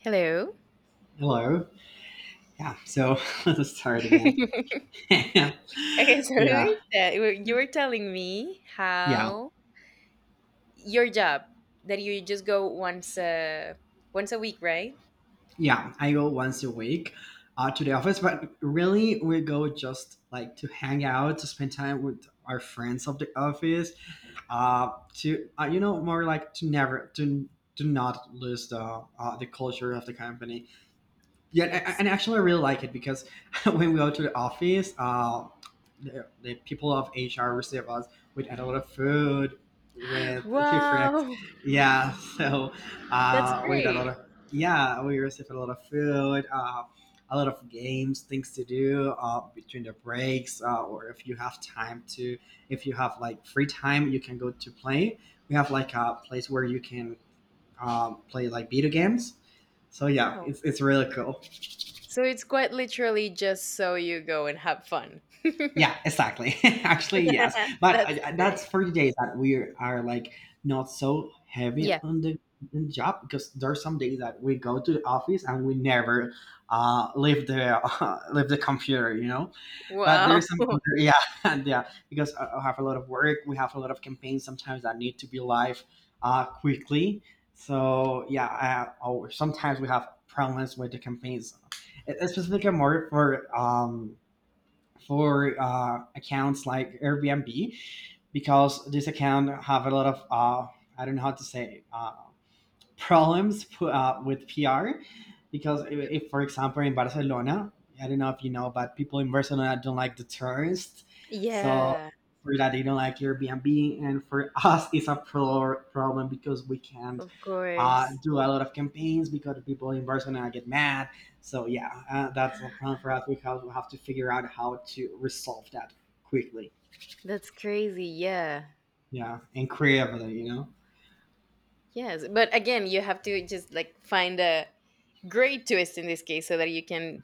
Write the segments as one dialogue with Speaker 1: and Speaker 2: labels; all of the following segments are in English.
Speaker 1: Hello.
Speaker 2: Hello. Yeah. So let's start again.
Speaker 1: Okay,
Speaker 2: Yeah.
Speaker 1: so you were telling me
Speaker 2: Yeah.
Speaker 1: how your job, that you just go once a week, right?
Speaker 2: Yeah. I go once a week to the office, but really we go just like to hang out, to spend time with our friends of the office, to more like to never to not lose the culture of the company. Yeah, a-
Speaker 1: Yes.
Speaker 2: and actually, I really like it because when we go to the office, the people of HR receive us with a lot of food, with different,
Speaker 1: Wow,
Speaker 2: yeah, so,
Speaker 1: that's
Speaker 2: with a lot
Speaker 1: great.
Speaker 2: of, yeah, we receive a lot of food, a lot of games, things to do between the breaks, or if you have time to, if you have like free time, you can go to play. We have like a place where you can play like video games. So yeah,
Speaker 1: Wow.
Speaker 2: it's really cool.
Speaker 1: So it's quite literally just so you go and have fun.
Speaker 2: Yeah, exactly. Actually, yes. But
Speaker 1: That's
Speaker 2: that's
Speaker 1: great.
Speaker 2: for the days that we are like not so heavy
Speaker 1: Yeah.
Speaker 2: on the job because there's some days that we go to the office and we never leave the leave the computer. But
Speaker 1: Wow.
Speaker 2: there's some other, yeah, and yeah because I have a lot of work. We have a lot of campaigns sometimes that need to be live quickly. So yeah, or sometimes we have problems with the campaigns, specifically more for accounts like Airbnb because this account have a lot of I don't know how to say problems with PR because if, for example, in Barcelona, I don't know if you know, but people in Barcelona don't like the tourists, so
Speaker 1: Yeah,
Speaker 2: for that they don't like Airbnb, and for us, it's a problem because we can't
Speaker 1: of course.
Speaker 2: do a lot of campaigns because people in Barcelona get mad. So yeah, that's a problem for us. We have to figure out how to resolve that quickly.
Speaker 1: That's crazy. Yeah.
Speaker 2: Yeah, and creatively.
Speaker 1: Yes, but again, you have to just like find a great twist in this case so that you can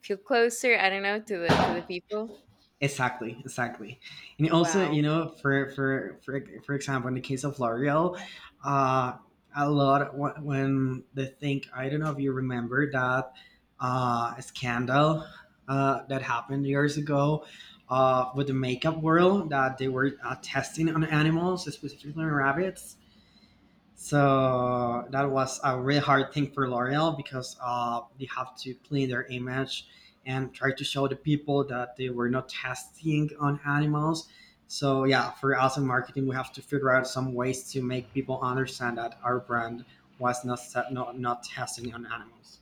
Speaker 1: feel closer, I don't know, to the people.
Speaker 2: Exactly, exactly, and also
Speaker 1: Wow.
Speaker 2: for example, in the case of L'Oreal, uh, a lot when they think I don't know if you remember that scandal that happened years ago with the makeup world that they were testing on animals, specifically on rabbits, so that was a really hard thing for L'Oreal because they have to clean their image and try to show the people that they were not testing on animals. So yeah, for us in marketing, we have to figure out some ways to make people understand that our brand was not set, not, not testing on animals.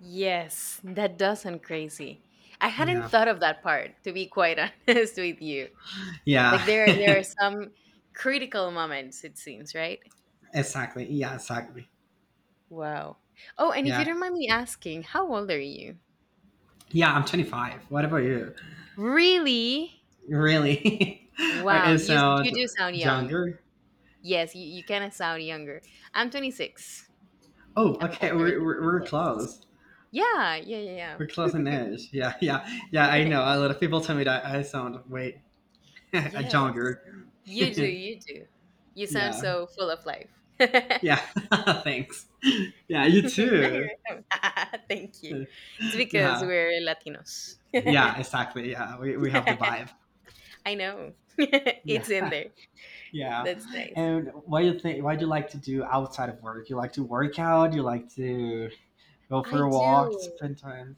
Speaker 1: Yes, that does sound crazy. I hadn't
Speaker 2: Yeah,
Speaker 1: thought of that part, to be quite honest with you.
Speaker 2: yeah,
Speaker 1: Like, there are some critical moments, it seems, right?
Speaker 2: exactly. Yeah, exactly.
Speaker 1: Wow. Oh, and if you
Speaker 2: Yeah,
Speaker 1: don't mind me asking, how old are you?
Speaker 2: yeah. I'm 25. What about you?
Speaker 1: Really?
Speaker 2: Really? I
Speaker 1: Wow,
Speaker 2: I sound
Speaker 1: you do sound young.
Speaker 2: younger.
Speaker 1: Yes, you kind of sound younger. I'm 26. I'm
Speaker 2: Oh,
Speaker 1: I'm
Speaker 2: okay.
Speaker 1: older than
Speaker 2: We're,
Speaker 1: you.
Speaker 2: we're, we're
Speaker 1: Yes.
Speaker 2: close.
Speaker 1: Yeah, yeah,
Speaker 2: We're
Speaker 1: yeah,
Speaker 2: close in age. Yeah, yeah, yeah. I
Speaker 1: yeah.
Speaker 2: know. A lot of people tell me that I sound way
Speaker 1: Yes,
Speaker 2: younger.
Speaker 1: you do, you do. You sound
Speaker 2: Yeah,
Speaker 1: so full of life.
Speaker 2: yeah. Thanks. Yeah, you
Speaker 1: No,
Speaker 2: too.
Speaker 1: you don't. Thank you. It's because
Speaker 2: Yeah,
Speaker 1: we're Latinos.
Speaker 2: yeah. Exactly. Yeah, we have the vibe.
Speaker 1: I know.
Speaker 2: Yeah,
Speaker 1: It's in there.
Speaker 2: yeah.
Speaker 1: That's nice.
Speaker 2: And what do you think? What do you like to do outside of work? You like to work out? You like to go
Speaker 1: I
Speaker 2: for a walk?
Speaker 1: do.
Speaker 2: Spend time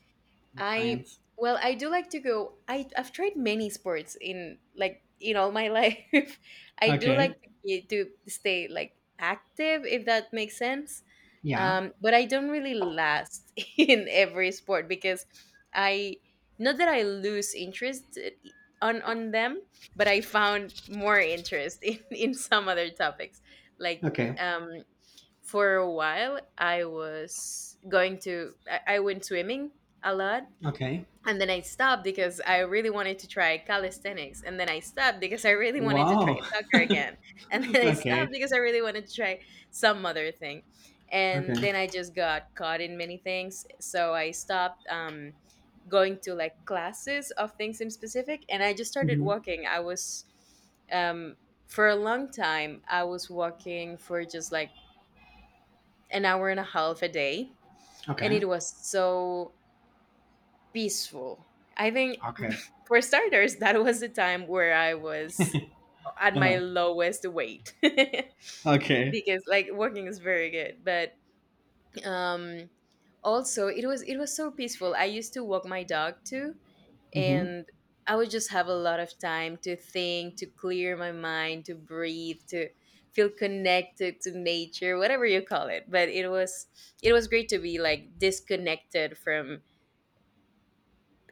Speaker 2: with
Speaker 1: I
Speaker 2: friends?
Speaker 1: Well, I do like to go. I've tried many sports in, like, in all my life. I do like
Speaker 2: Okay.
Speaker 1: to to stay like active, if that makes sense.
Speaker 2: Yeah.
Speaker 1: But I don't really last in every sport because I not that I lose interest, on them, but I found more interest in some other topics. Like,
Speaker 2: Okay.
Speaker 1: um, for a while, I was going to I went swimming a lot,
Speaker 2: Okay.
Speaker 1: and then I stopped because I really wanted to try calisthenics, and then I stopped because I really wanted to try
Speaker 2: Wow.
Speaker 1: soccer again, and then I stopped
Speaker 2: Okay.
Speaker 1: because I really wanted to try some other thing, and
Speaker 2: Okay.
Speaker 1: then I just got caught in many things, so I stopped, going to like classes of things in specific, and I just started
Speaker 2: Uhum.
Speaker 1: walking. I was um, for a long time I was walking for just like an hour and a half a day, and
Speaker 2: Okay.
Speaker 1: it was so peaceful. I think
Speaker 2: Okay.
Speaker 1: for starters, that was the time where I was at my
Speaker 2: Uh-huh.
Speaker 1: lowest weight.
Speaker 2: Okay.
Speaker 1: Because like walking is very good, but, um also, it was so peaceful. I used to walk my dog too,
Speaker 2: Mhm.
Speaker 1: and I would just have a lot of time to think, to clear my mind, to breathe, to feel connected to nature, whatever you call it. But it was great to be like disconnected from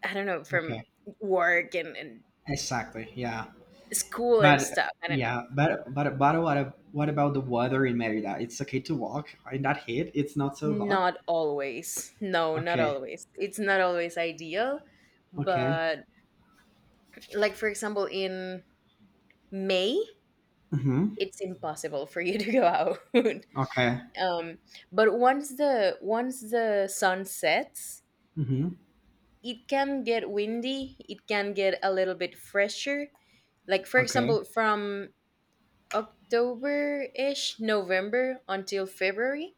Speaker 1: I don't know, from
Speaker 2: Okay.
Speaker 1: work, and
Speaker 2: Exactly. Yeah.
Speaker 1: school and
Speaker 2: But
Speaker 1: stuff, I don't know.
Speaker 2: yeah. But what about the weather in Merida? It's okay to walk in that heat. It's not so hot.
Speaker 1: Not always. No, not
Speaker 2: Okay.
Speaker 1: always. It's not always ideal,
Speaker 2: Okay.
Speaker 1: but, like, for example, in May,
Speaker 2: Mhm.
Speaker 1: it's impossible for you to go out.
Speaker 2: Okay.
Speaker 1: Um, but once the sun sets,
Speaker 2: Mhm.
Speaker 1: it can get windy, it can get a little bit fresher. Like, for
Speaker 2: Okay.
Speaker 1: example, from October-ish, November until February.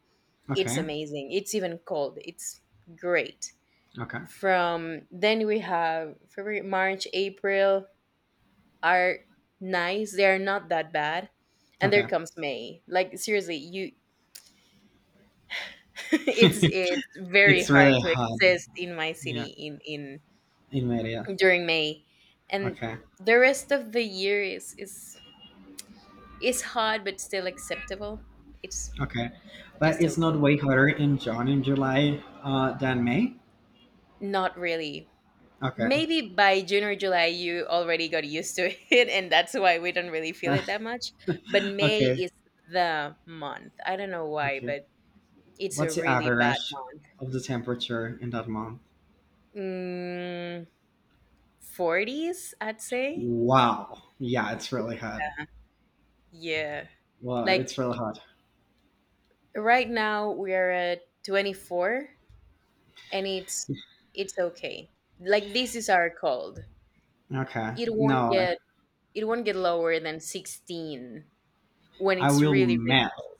Speaker 1: It's
Speaker 2: Okay.
Speaker 1: amazing. It's even cold. It's great.
Speaker 2: Okay.
Speaker 1: From then, we have February, March, April are nice. They are not that bad. And
Speaker 2: Okay.
Speaker 1: there comes May. Like, seriously, you it's it's very
Speaker 2: It's
Speaker 1: hard
Speaker 2: really
Speaker 1: to
Speaker 2: hot.
Speaker 1: exist in my
Speaker 2: Yeah.
Speaker 1: city, in
Speaker 2: In Merida.
Speaker 1: during May. And
Speaker 2: Okay.
Speaker 1: the rest of the year is hot, but still acceptable. It's
Speaker 2: Okay. But
Speaker 1: just
Speaker 2: it's not
Speaker 1: okay.
Speaker 2: way hotter in June and July than May.
Speaker 1: Not really.
Speaker 2: Okay.
Speaker 1: Maybe by June or July, you already got used to it, and that's why we don't really feel it that much. But May
Speaker 2: Okay,
Speaker 1: is the month. I don't know why,
Speaker 2: okay.
Speaker 1: but it's a
Speaker 2: What's the
Speaker 1: really bad
Speaker 2: average
Speaker 1: month.
Speaker 2: of the temperature in that month?
Speaker 1: Mm, 40s, I'd say.
Speaker 2: Wow. Yeah, it's really hot.
Speaker 1: Yeah.
Speaker 2: Well,
Speaker 1: Like,
Speaker 2: it's really hot.
Speaker 1: right now we are at 24, and it's okay. Like, this is our cold.
Speaker 2: Okay.
Speaker 1: It won't
Speaker 2: No,
Speaker 1: get it won't get lower than 16 when
Speaker 2: I
Speaker 1: it's
Speaker 2: will
Speaker 1: really, really
Speaker 2: melt
Speaker 1: cold.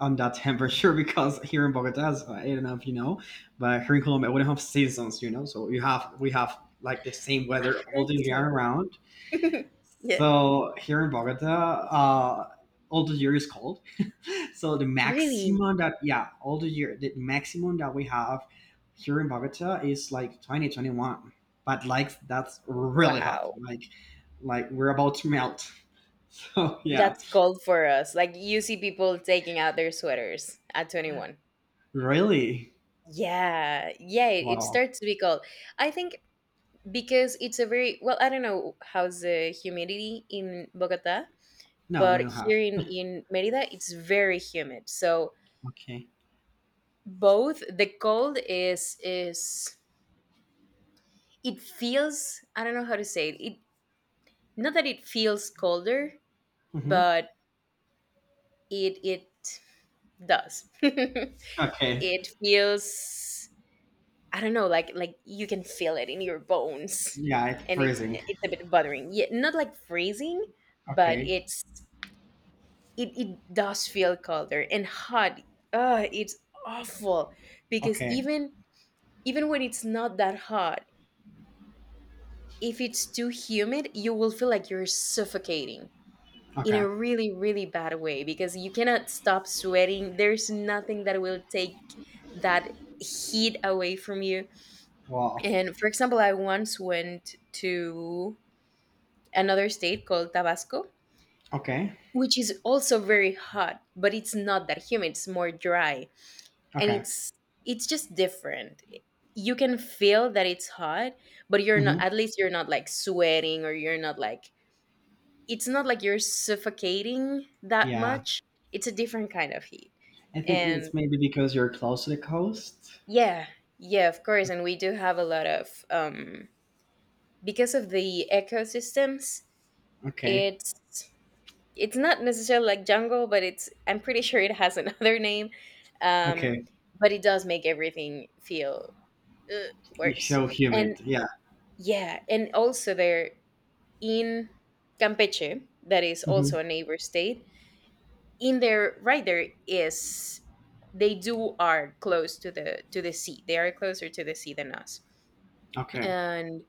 Speaker 2: on that temperature because here in Bogota, I don't know if you know, but here in Colombia, we don't have seasons. So you have we have like the same
Speaker 1: I've
Speaker 2: weather all
Speaker 1: heard
Speaker 2: the year
Speaker 1: so.
Speaker 2: around.
Speaker 1: Yeah.
Speaker 2: So here in Bogota, uh, all the year is cold. So the
Speaker 1: Really?
Speaker 2: maximum that yeah, all the year the maximum that we have here in Bogota is like 20-21. But like that's really hot.
Speaker 1: Wow.
Speaker 2: Like we're about to melt. So yeah.
Speaker 1: That's cold for us. Like, you see people taking out their sweaters at 21.
Speaker 2: Really?
Speaker 1: Yeah. Yeah, it
Speaker 2: Wow.
Speaker 1: starts to be cold. I think because it's a very well, I don't know how's the humidity in Bogota,
Speaker 2: No, we
Speaker 1: but
Speaker 2: don't have.
Speaker 1: here in Merida it's very humid. So
Speaker 2: Okay.
Speaker 1: both the cold is it feels, I don't know how to say it. It, not that it feels colder,
Speaker 2: Mm-hmm.
Speaker 1: but it does, it
Speaker 2: Okay.
Speaker 1: feels, I don't know, like you can feel it in your bones,
Speaker 2: Yeah, it's
Speaker 1: and it's
Speaker 2: freezing.
Speaker 1: it's a bit bothering. Yeah, not like freezing, but
Speaker 2: Okay.
Speaker 1: it does feel colder. And hot, it's awful, because
Speaker 2: Okay.
Speaker 1: even when it's not that hot, if it's too humid, you will feel like you're suffocating, in
Speaker 2: Okay.
Speaker 1: a really, really bad way, because you cannot stop sweating. There's nothing that will take that heat away from you.
Speaker 2: Wow.
Speaker 1: And, for example, I once went to another state called Tabasco,
Speaker 2: Okay.
Speaker 1: which is also very hot, but it's not that humid. It's more dry, and
Speaker 2: Okay.
Speaker 1: it's just different. You can feel that it's hot, but you're not
Speaker 2: Mm-hmm.
Speaker 1: at least you're not like sweating, or you're not like it's not like you're suffocating that
Speaker 2: Yeah.
Speaker 1: much. It's a different kind of heat.
Speaker 2: I think
Speaker 1: And
Speaker 2: it's maybe because you're close to the coast.
Speaker 1: yeah, yeah, of course. And we do have a lot of, because of the ecosystems,
Speaker 2: Okay.
Speaker 1: it's it's not necessarily like jungle, but it's, I'm pretty sure, it has another name. Um,
Speaker 2: Okay.
Speaker 1: but it does make everything feel, uh,
Speaker 2: You
Speaker 1: worse.
Speaker 2: show
Speaker 1: And
Speaker 2: humid. Yeah.
Speaker 1: yeah, and also there in Campeche, that is also
Speaker 2: Mhm.
Speaker 1: a neighbor state, in their right there is, they do are close to the sea. They are closer to the sea than us,
Speaker 2: Okay.
Speaker 1: and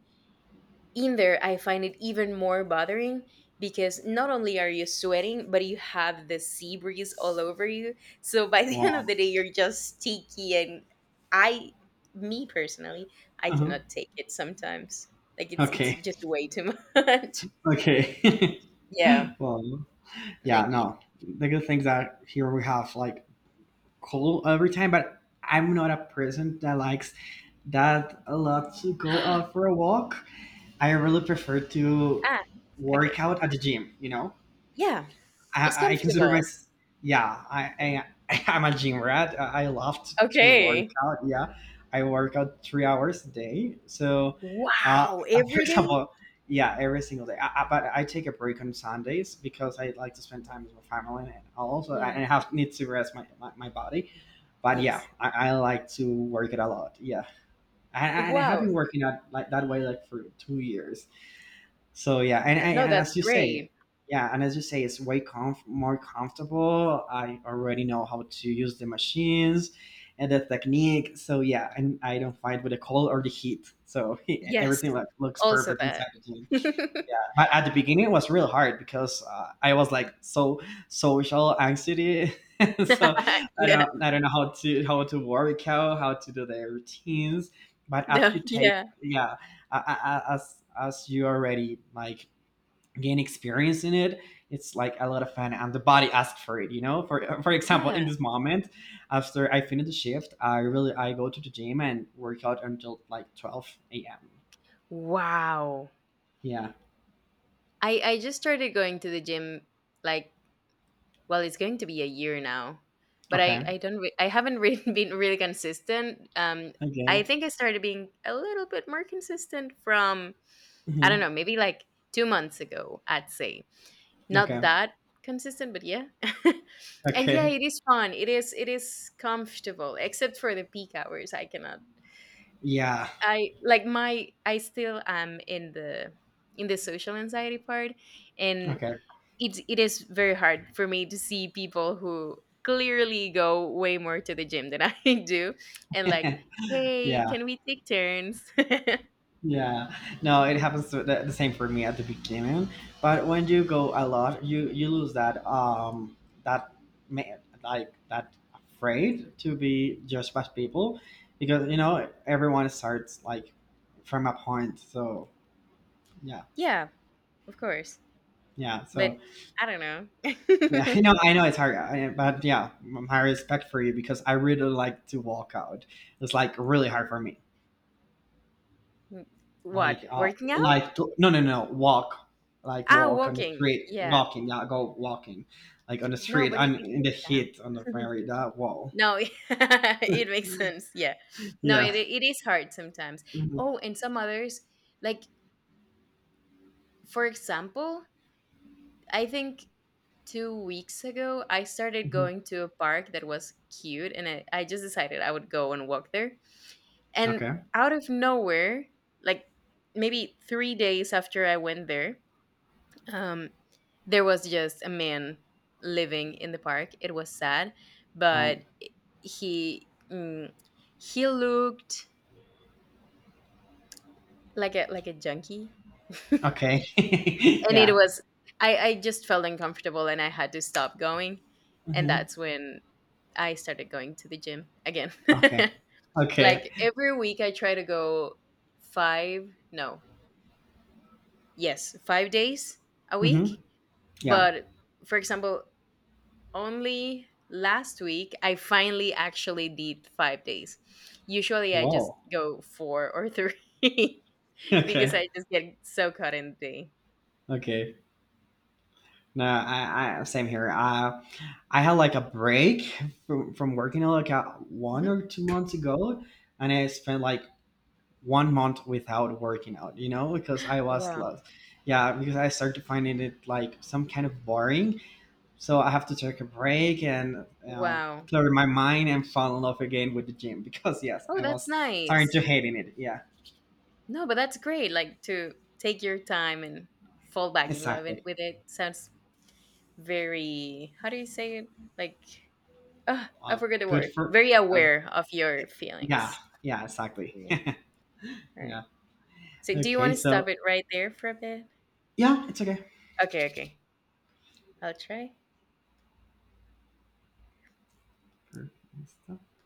Speaker 1: in there I find it even more bothering, because not only are you sweating, but you have the sea breeze all over you, so by the end of
Speaker 2: Wow.
Speaker 1: the day you're just sticky. And I, me personally, I
Speaker 2: Mhm.
Speaker 1: cannot take it sometimes. Like, it's
Speaker 2: Okay.
Speaker 1: just way too much.
Speaker 2: Okay.
Speaker 1: Yeah,
Speaker 2: Well, yeah,
Speaker 1: like, yeah.
Speaker 2: no. The good things that here we have like cold every time, but I'm not a person that likes that a lot to go out for a walk. I really prefer to
Speaker 1: ah okay,
Speaker 2: work out at the gym, you know?
Speaker 1: yeah, it's
Speaker 2: I consider
Speaker 1: comfortable.
Speaker 2: myself, yeah, I I'm a gym rat. I love to work
Speaker 1: Okay.
Speaker 2: out. Yeah, I work out 3 hours a day. So, uh,
Speaker 1: Wow,
Speaker 2: for
Speaker 1: every day?
Speaker 2: example, yeah, every single day. But I take a break on Sundays because I like to spend time with my family and also I
Speaker 1: Yeah.
Speaker 2: I have need to rest my body. But yeah,
Speaker 1: Yes.
Speaker 2: I like to work it a lot. Yeah, and I have
Speaker 1: Wow.
Speaker 2: been working out like that way like for 2 years. So yeah,
Speaker 1: Th No,
Speaker 2: and
Speaker 1: that's
Speaker 2: as you
Speaker 1: great.
Speaker 2: say, yeah, and as you say, it's way more comfortable. I already know how to use the machines and the technique. So yeah, and I don't fight with the cold or the heat. So
Speaker 1: Yes.
Speaker 2: everything, like, looks
Speaker 1: Also
Speaker 2: perfect
Speaker 1: that.
Speaker 2: inside the gym. Yeah, but at the beginning it was real hard because I was like so social anxiety, so I
Speaker 1: Yeah.
Speaker 2: don't I don't know how to work out, how to do their routines. But after
Speaker 1: No,
Speaker 2: you take,
Speaker 1: yeah.
Speaker 2: yeah, a- a- as you already like gain experience in it, it's like a lot of fun, and the body asks for it. You know, for example,
Speaker 1: Yeah.
Speaker 2: in this moment, after I finish the shift, I really I go to the gym and work out until like 12 a.m.
Speaker 1: Wow.
Speaker 2: Yeah.
Speaker 1: I just started going to the gym, like, well, it's going to be a year now, but
Speaker 2: Okay.
Speaker 1: I don't re I haven't really been really consistent. I
Speaker 2: Okay.
Speaker 1: think I started being a little bit more consistent from, I don't
Speaker 2: Mhm.
Speaker 1: know, maybe like 2 months ago, I'd say. Not
Speaker 2: Okay.
Speaker 1: that consistent, but yeah. And yeah,
Speaker 2: Okay.
Speaker 1: it is fun, it is comfortable, except for the peak hours I cannot.
Speaker 2: Yeah.
Speaker 1: I like my i still am in the social anxiety part, and
Speaker 2: Okay.
Speaker 1: it is very hard for me to see people who clearly go way more to the gym than I do, and like, hey,
Speaker 2: Yeah.
Speaker 1: can we take turns?
Speaker 2: Yeah. No, it happens to the same for me at the beginning, but when you go a lot, you lose that ma- like that afraid to be judged by people because everyone starts like from a point. So yeah.
Speaker 1: Yeah, of course.
Speaker 2: Yeah,
Speaker 1: But
Speaker 2: so
Speaker 1: I don't know.
Speaker 2: yeah, I know it's hard, but yeah, my respect for you because I really like to walk out. It's like really hard for me. Like,
Speaker 1: What, working out?
Speaker 2: no, no, no, walk, like
Speaker 1: Ah,
Speaker 2: walk on the
Speaker 1: walking.
Speaker 2: street,
Speaker 1: Yeah.
Speaker 2: walking. Yeah, go walking, like on the
Speaker 1: No,
Speaker 2: street
Speaker 1: but it,
Speaker 2: and
Speaker 1: it
Speaker 2: in the
Speaker 1: takes time.
Speaker 2: heat on the very that wall.
Speaker 1: No, it makes sense. Yeah. No, it
Speaker 2: Yeah.
Speaker 1: it is hard sometimes. Oh,
Speaker 2: Hmm.
Speaker 1: and some others, like, for example, I think 2 weeks ago I started
Speaker 2: Hmm.
Speaker 1: going to a park that was cute, and I just decided I would go and walk there. And
Speaker 2: Okay.
Speaker 1: out of nowhere, like, maybe 3 days after I went there, um, there was just a man living in the park. It was sad,
Speaker 2: Oh.
Speaker 1: but he mm, he looked like a junkie, and
Speaker 2: Okay.
Speaker 1: it
Speaker 2: Yeah.
Speaker 1: was I just felt uncomfortable, and I had to stop going. And
Speaker 2: Hmm.
Speaker 1: that's when I started going to the gym again.
Speaker 2: Okay. Okay.
Speaker 1: Like, every week, I try to go five no yes 5 days a
Speaker 2: Hmm.
Speaker 1: week,
Speaker 2: Yeah.
Speaker 1: but, for example, only last week I finally actually did 5 days. Usually I just
Speaker 2: Whoa.
Speaker 1: go four or three, because
Speaker 2: Okay.
Speaker 1: I just get so caught in the day.
Speaker 2: Okay. No, I same here. I had like a break from working like one
Speaker 1: Mhm.
Speaker 2: or two months ago, and I spent like one month without working out, because I was
Speaker 1: Wow.
Speaker 2: lost. Yeah, because I started finding it like some kind of boring. So I have to take a break and
Speaker 1: Wow.
Speaker 2: clear my mind and fall in love again with the gym because yes,
Speaker 1: Oh,
Speaker 2: I
Speaker 1: that's
Speaker 2: was starting
Speaker 1: nice.
Speaker 2: to hating it. Yeah,
Speaker 1: No, but that's great. Like, to take your time and fall back in love
Speaker 2: exactly.
Speaker 1: with it, sounds very, how do you say it? Like, I
Speaker 2: Uh,
Speaker 1: forgot the
Speaker 2: good
Speaker 1: word.
Speaker 2: for.
Speaker 1: Very
Speaker 2: Uh,
Speaker 1: aware of your
Speaker 2: yeah,
Speaker 1: feelings.
Speaker 2: yeah, exactly.
Speaker 1: Yeah. All
Speaker 2: Yeah.
Speaker 1: right. So, do you want
Speaker 2: Okay,
Speaker 1: to stop
Speaker 2: so
Speaker 1: it right there for a bit?
Speaker 2: yeah, it's okay.
Speaker 1: Okay. Okay. I'll try.
Speaker 2: Perfect.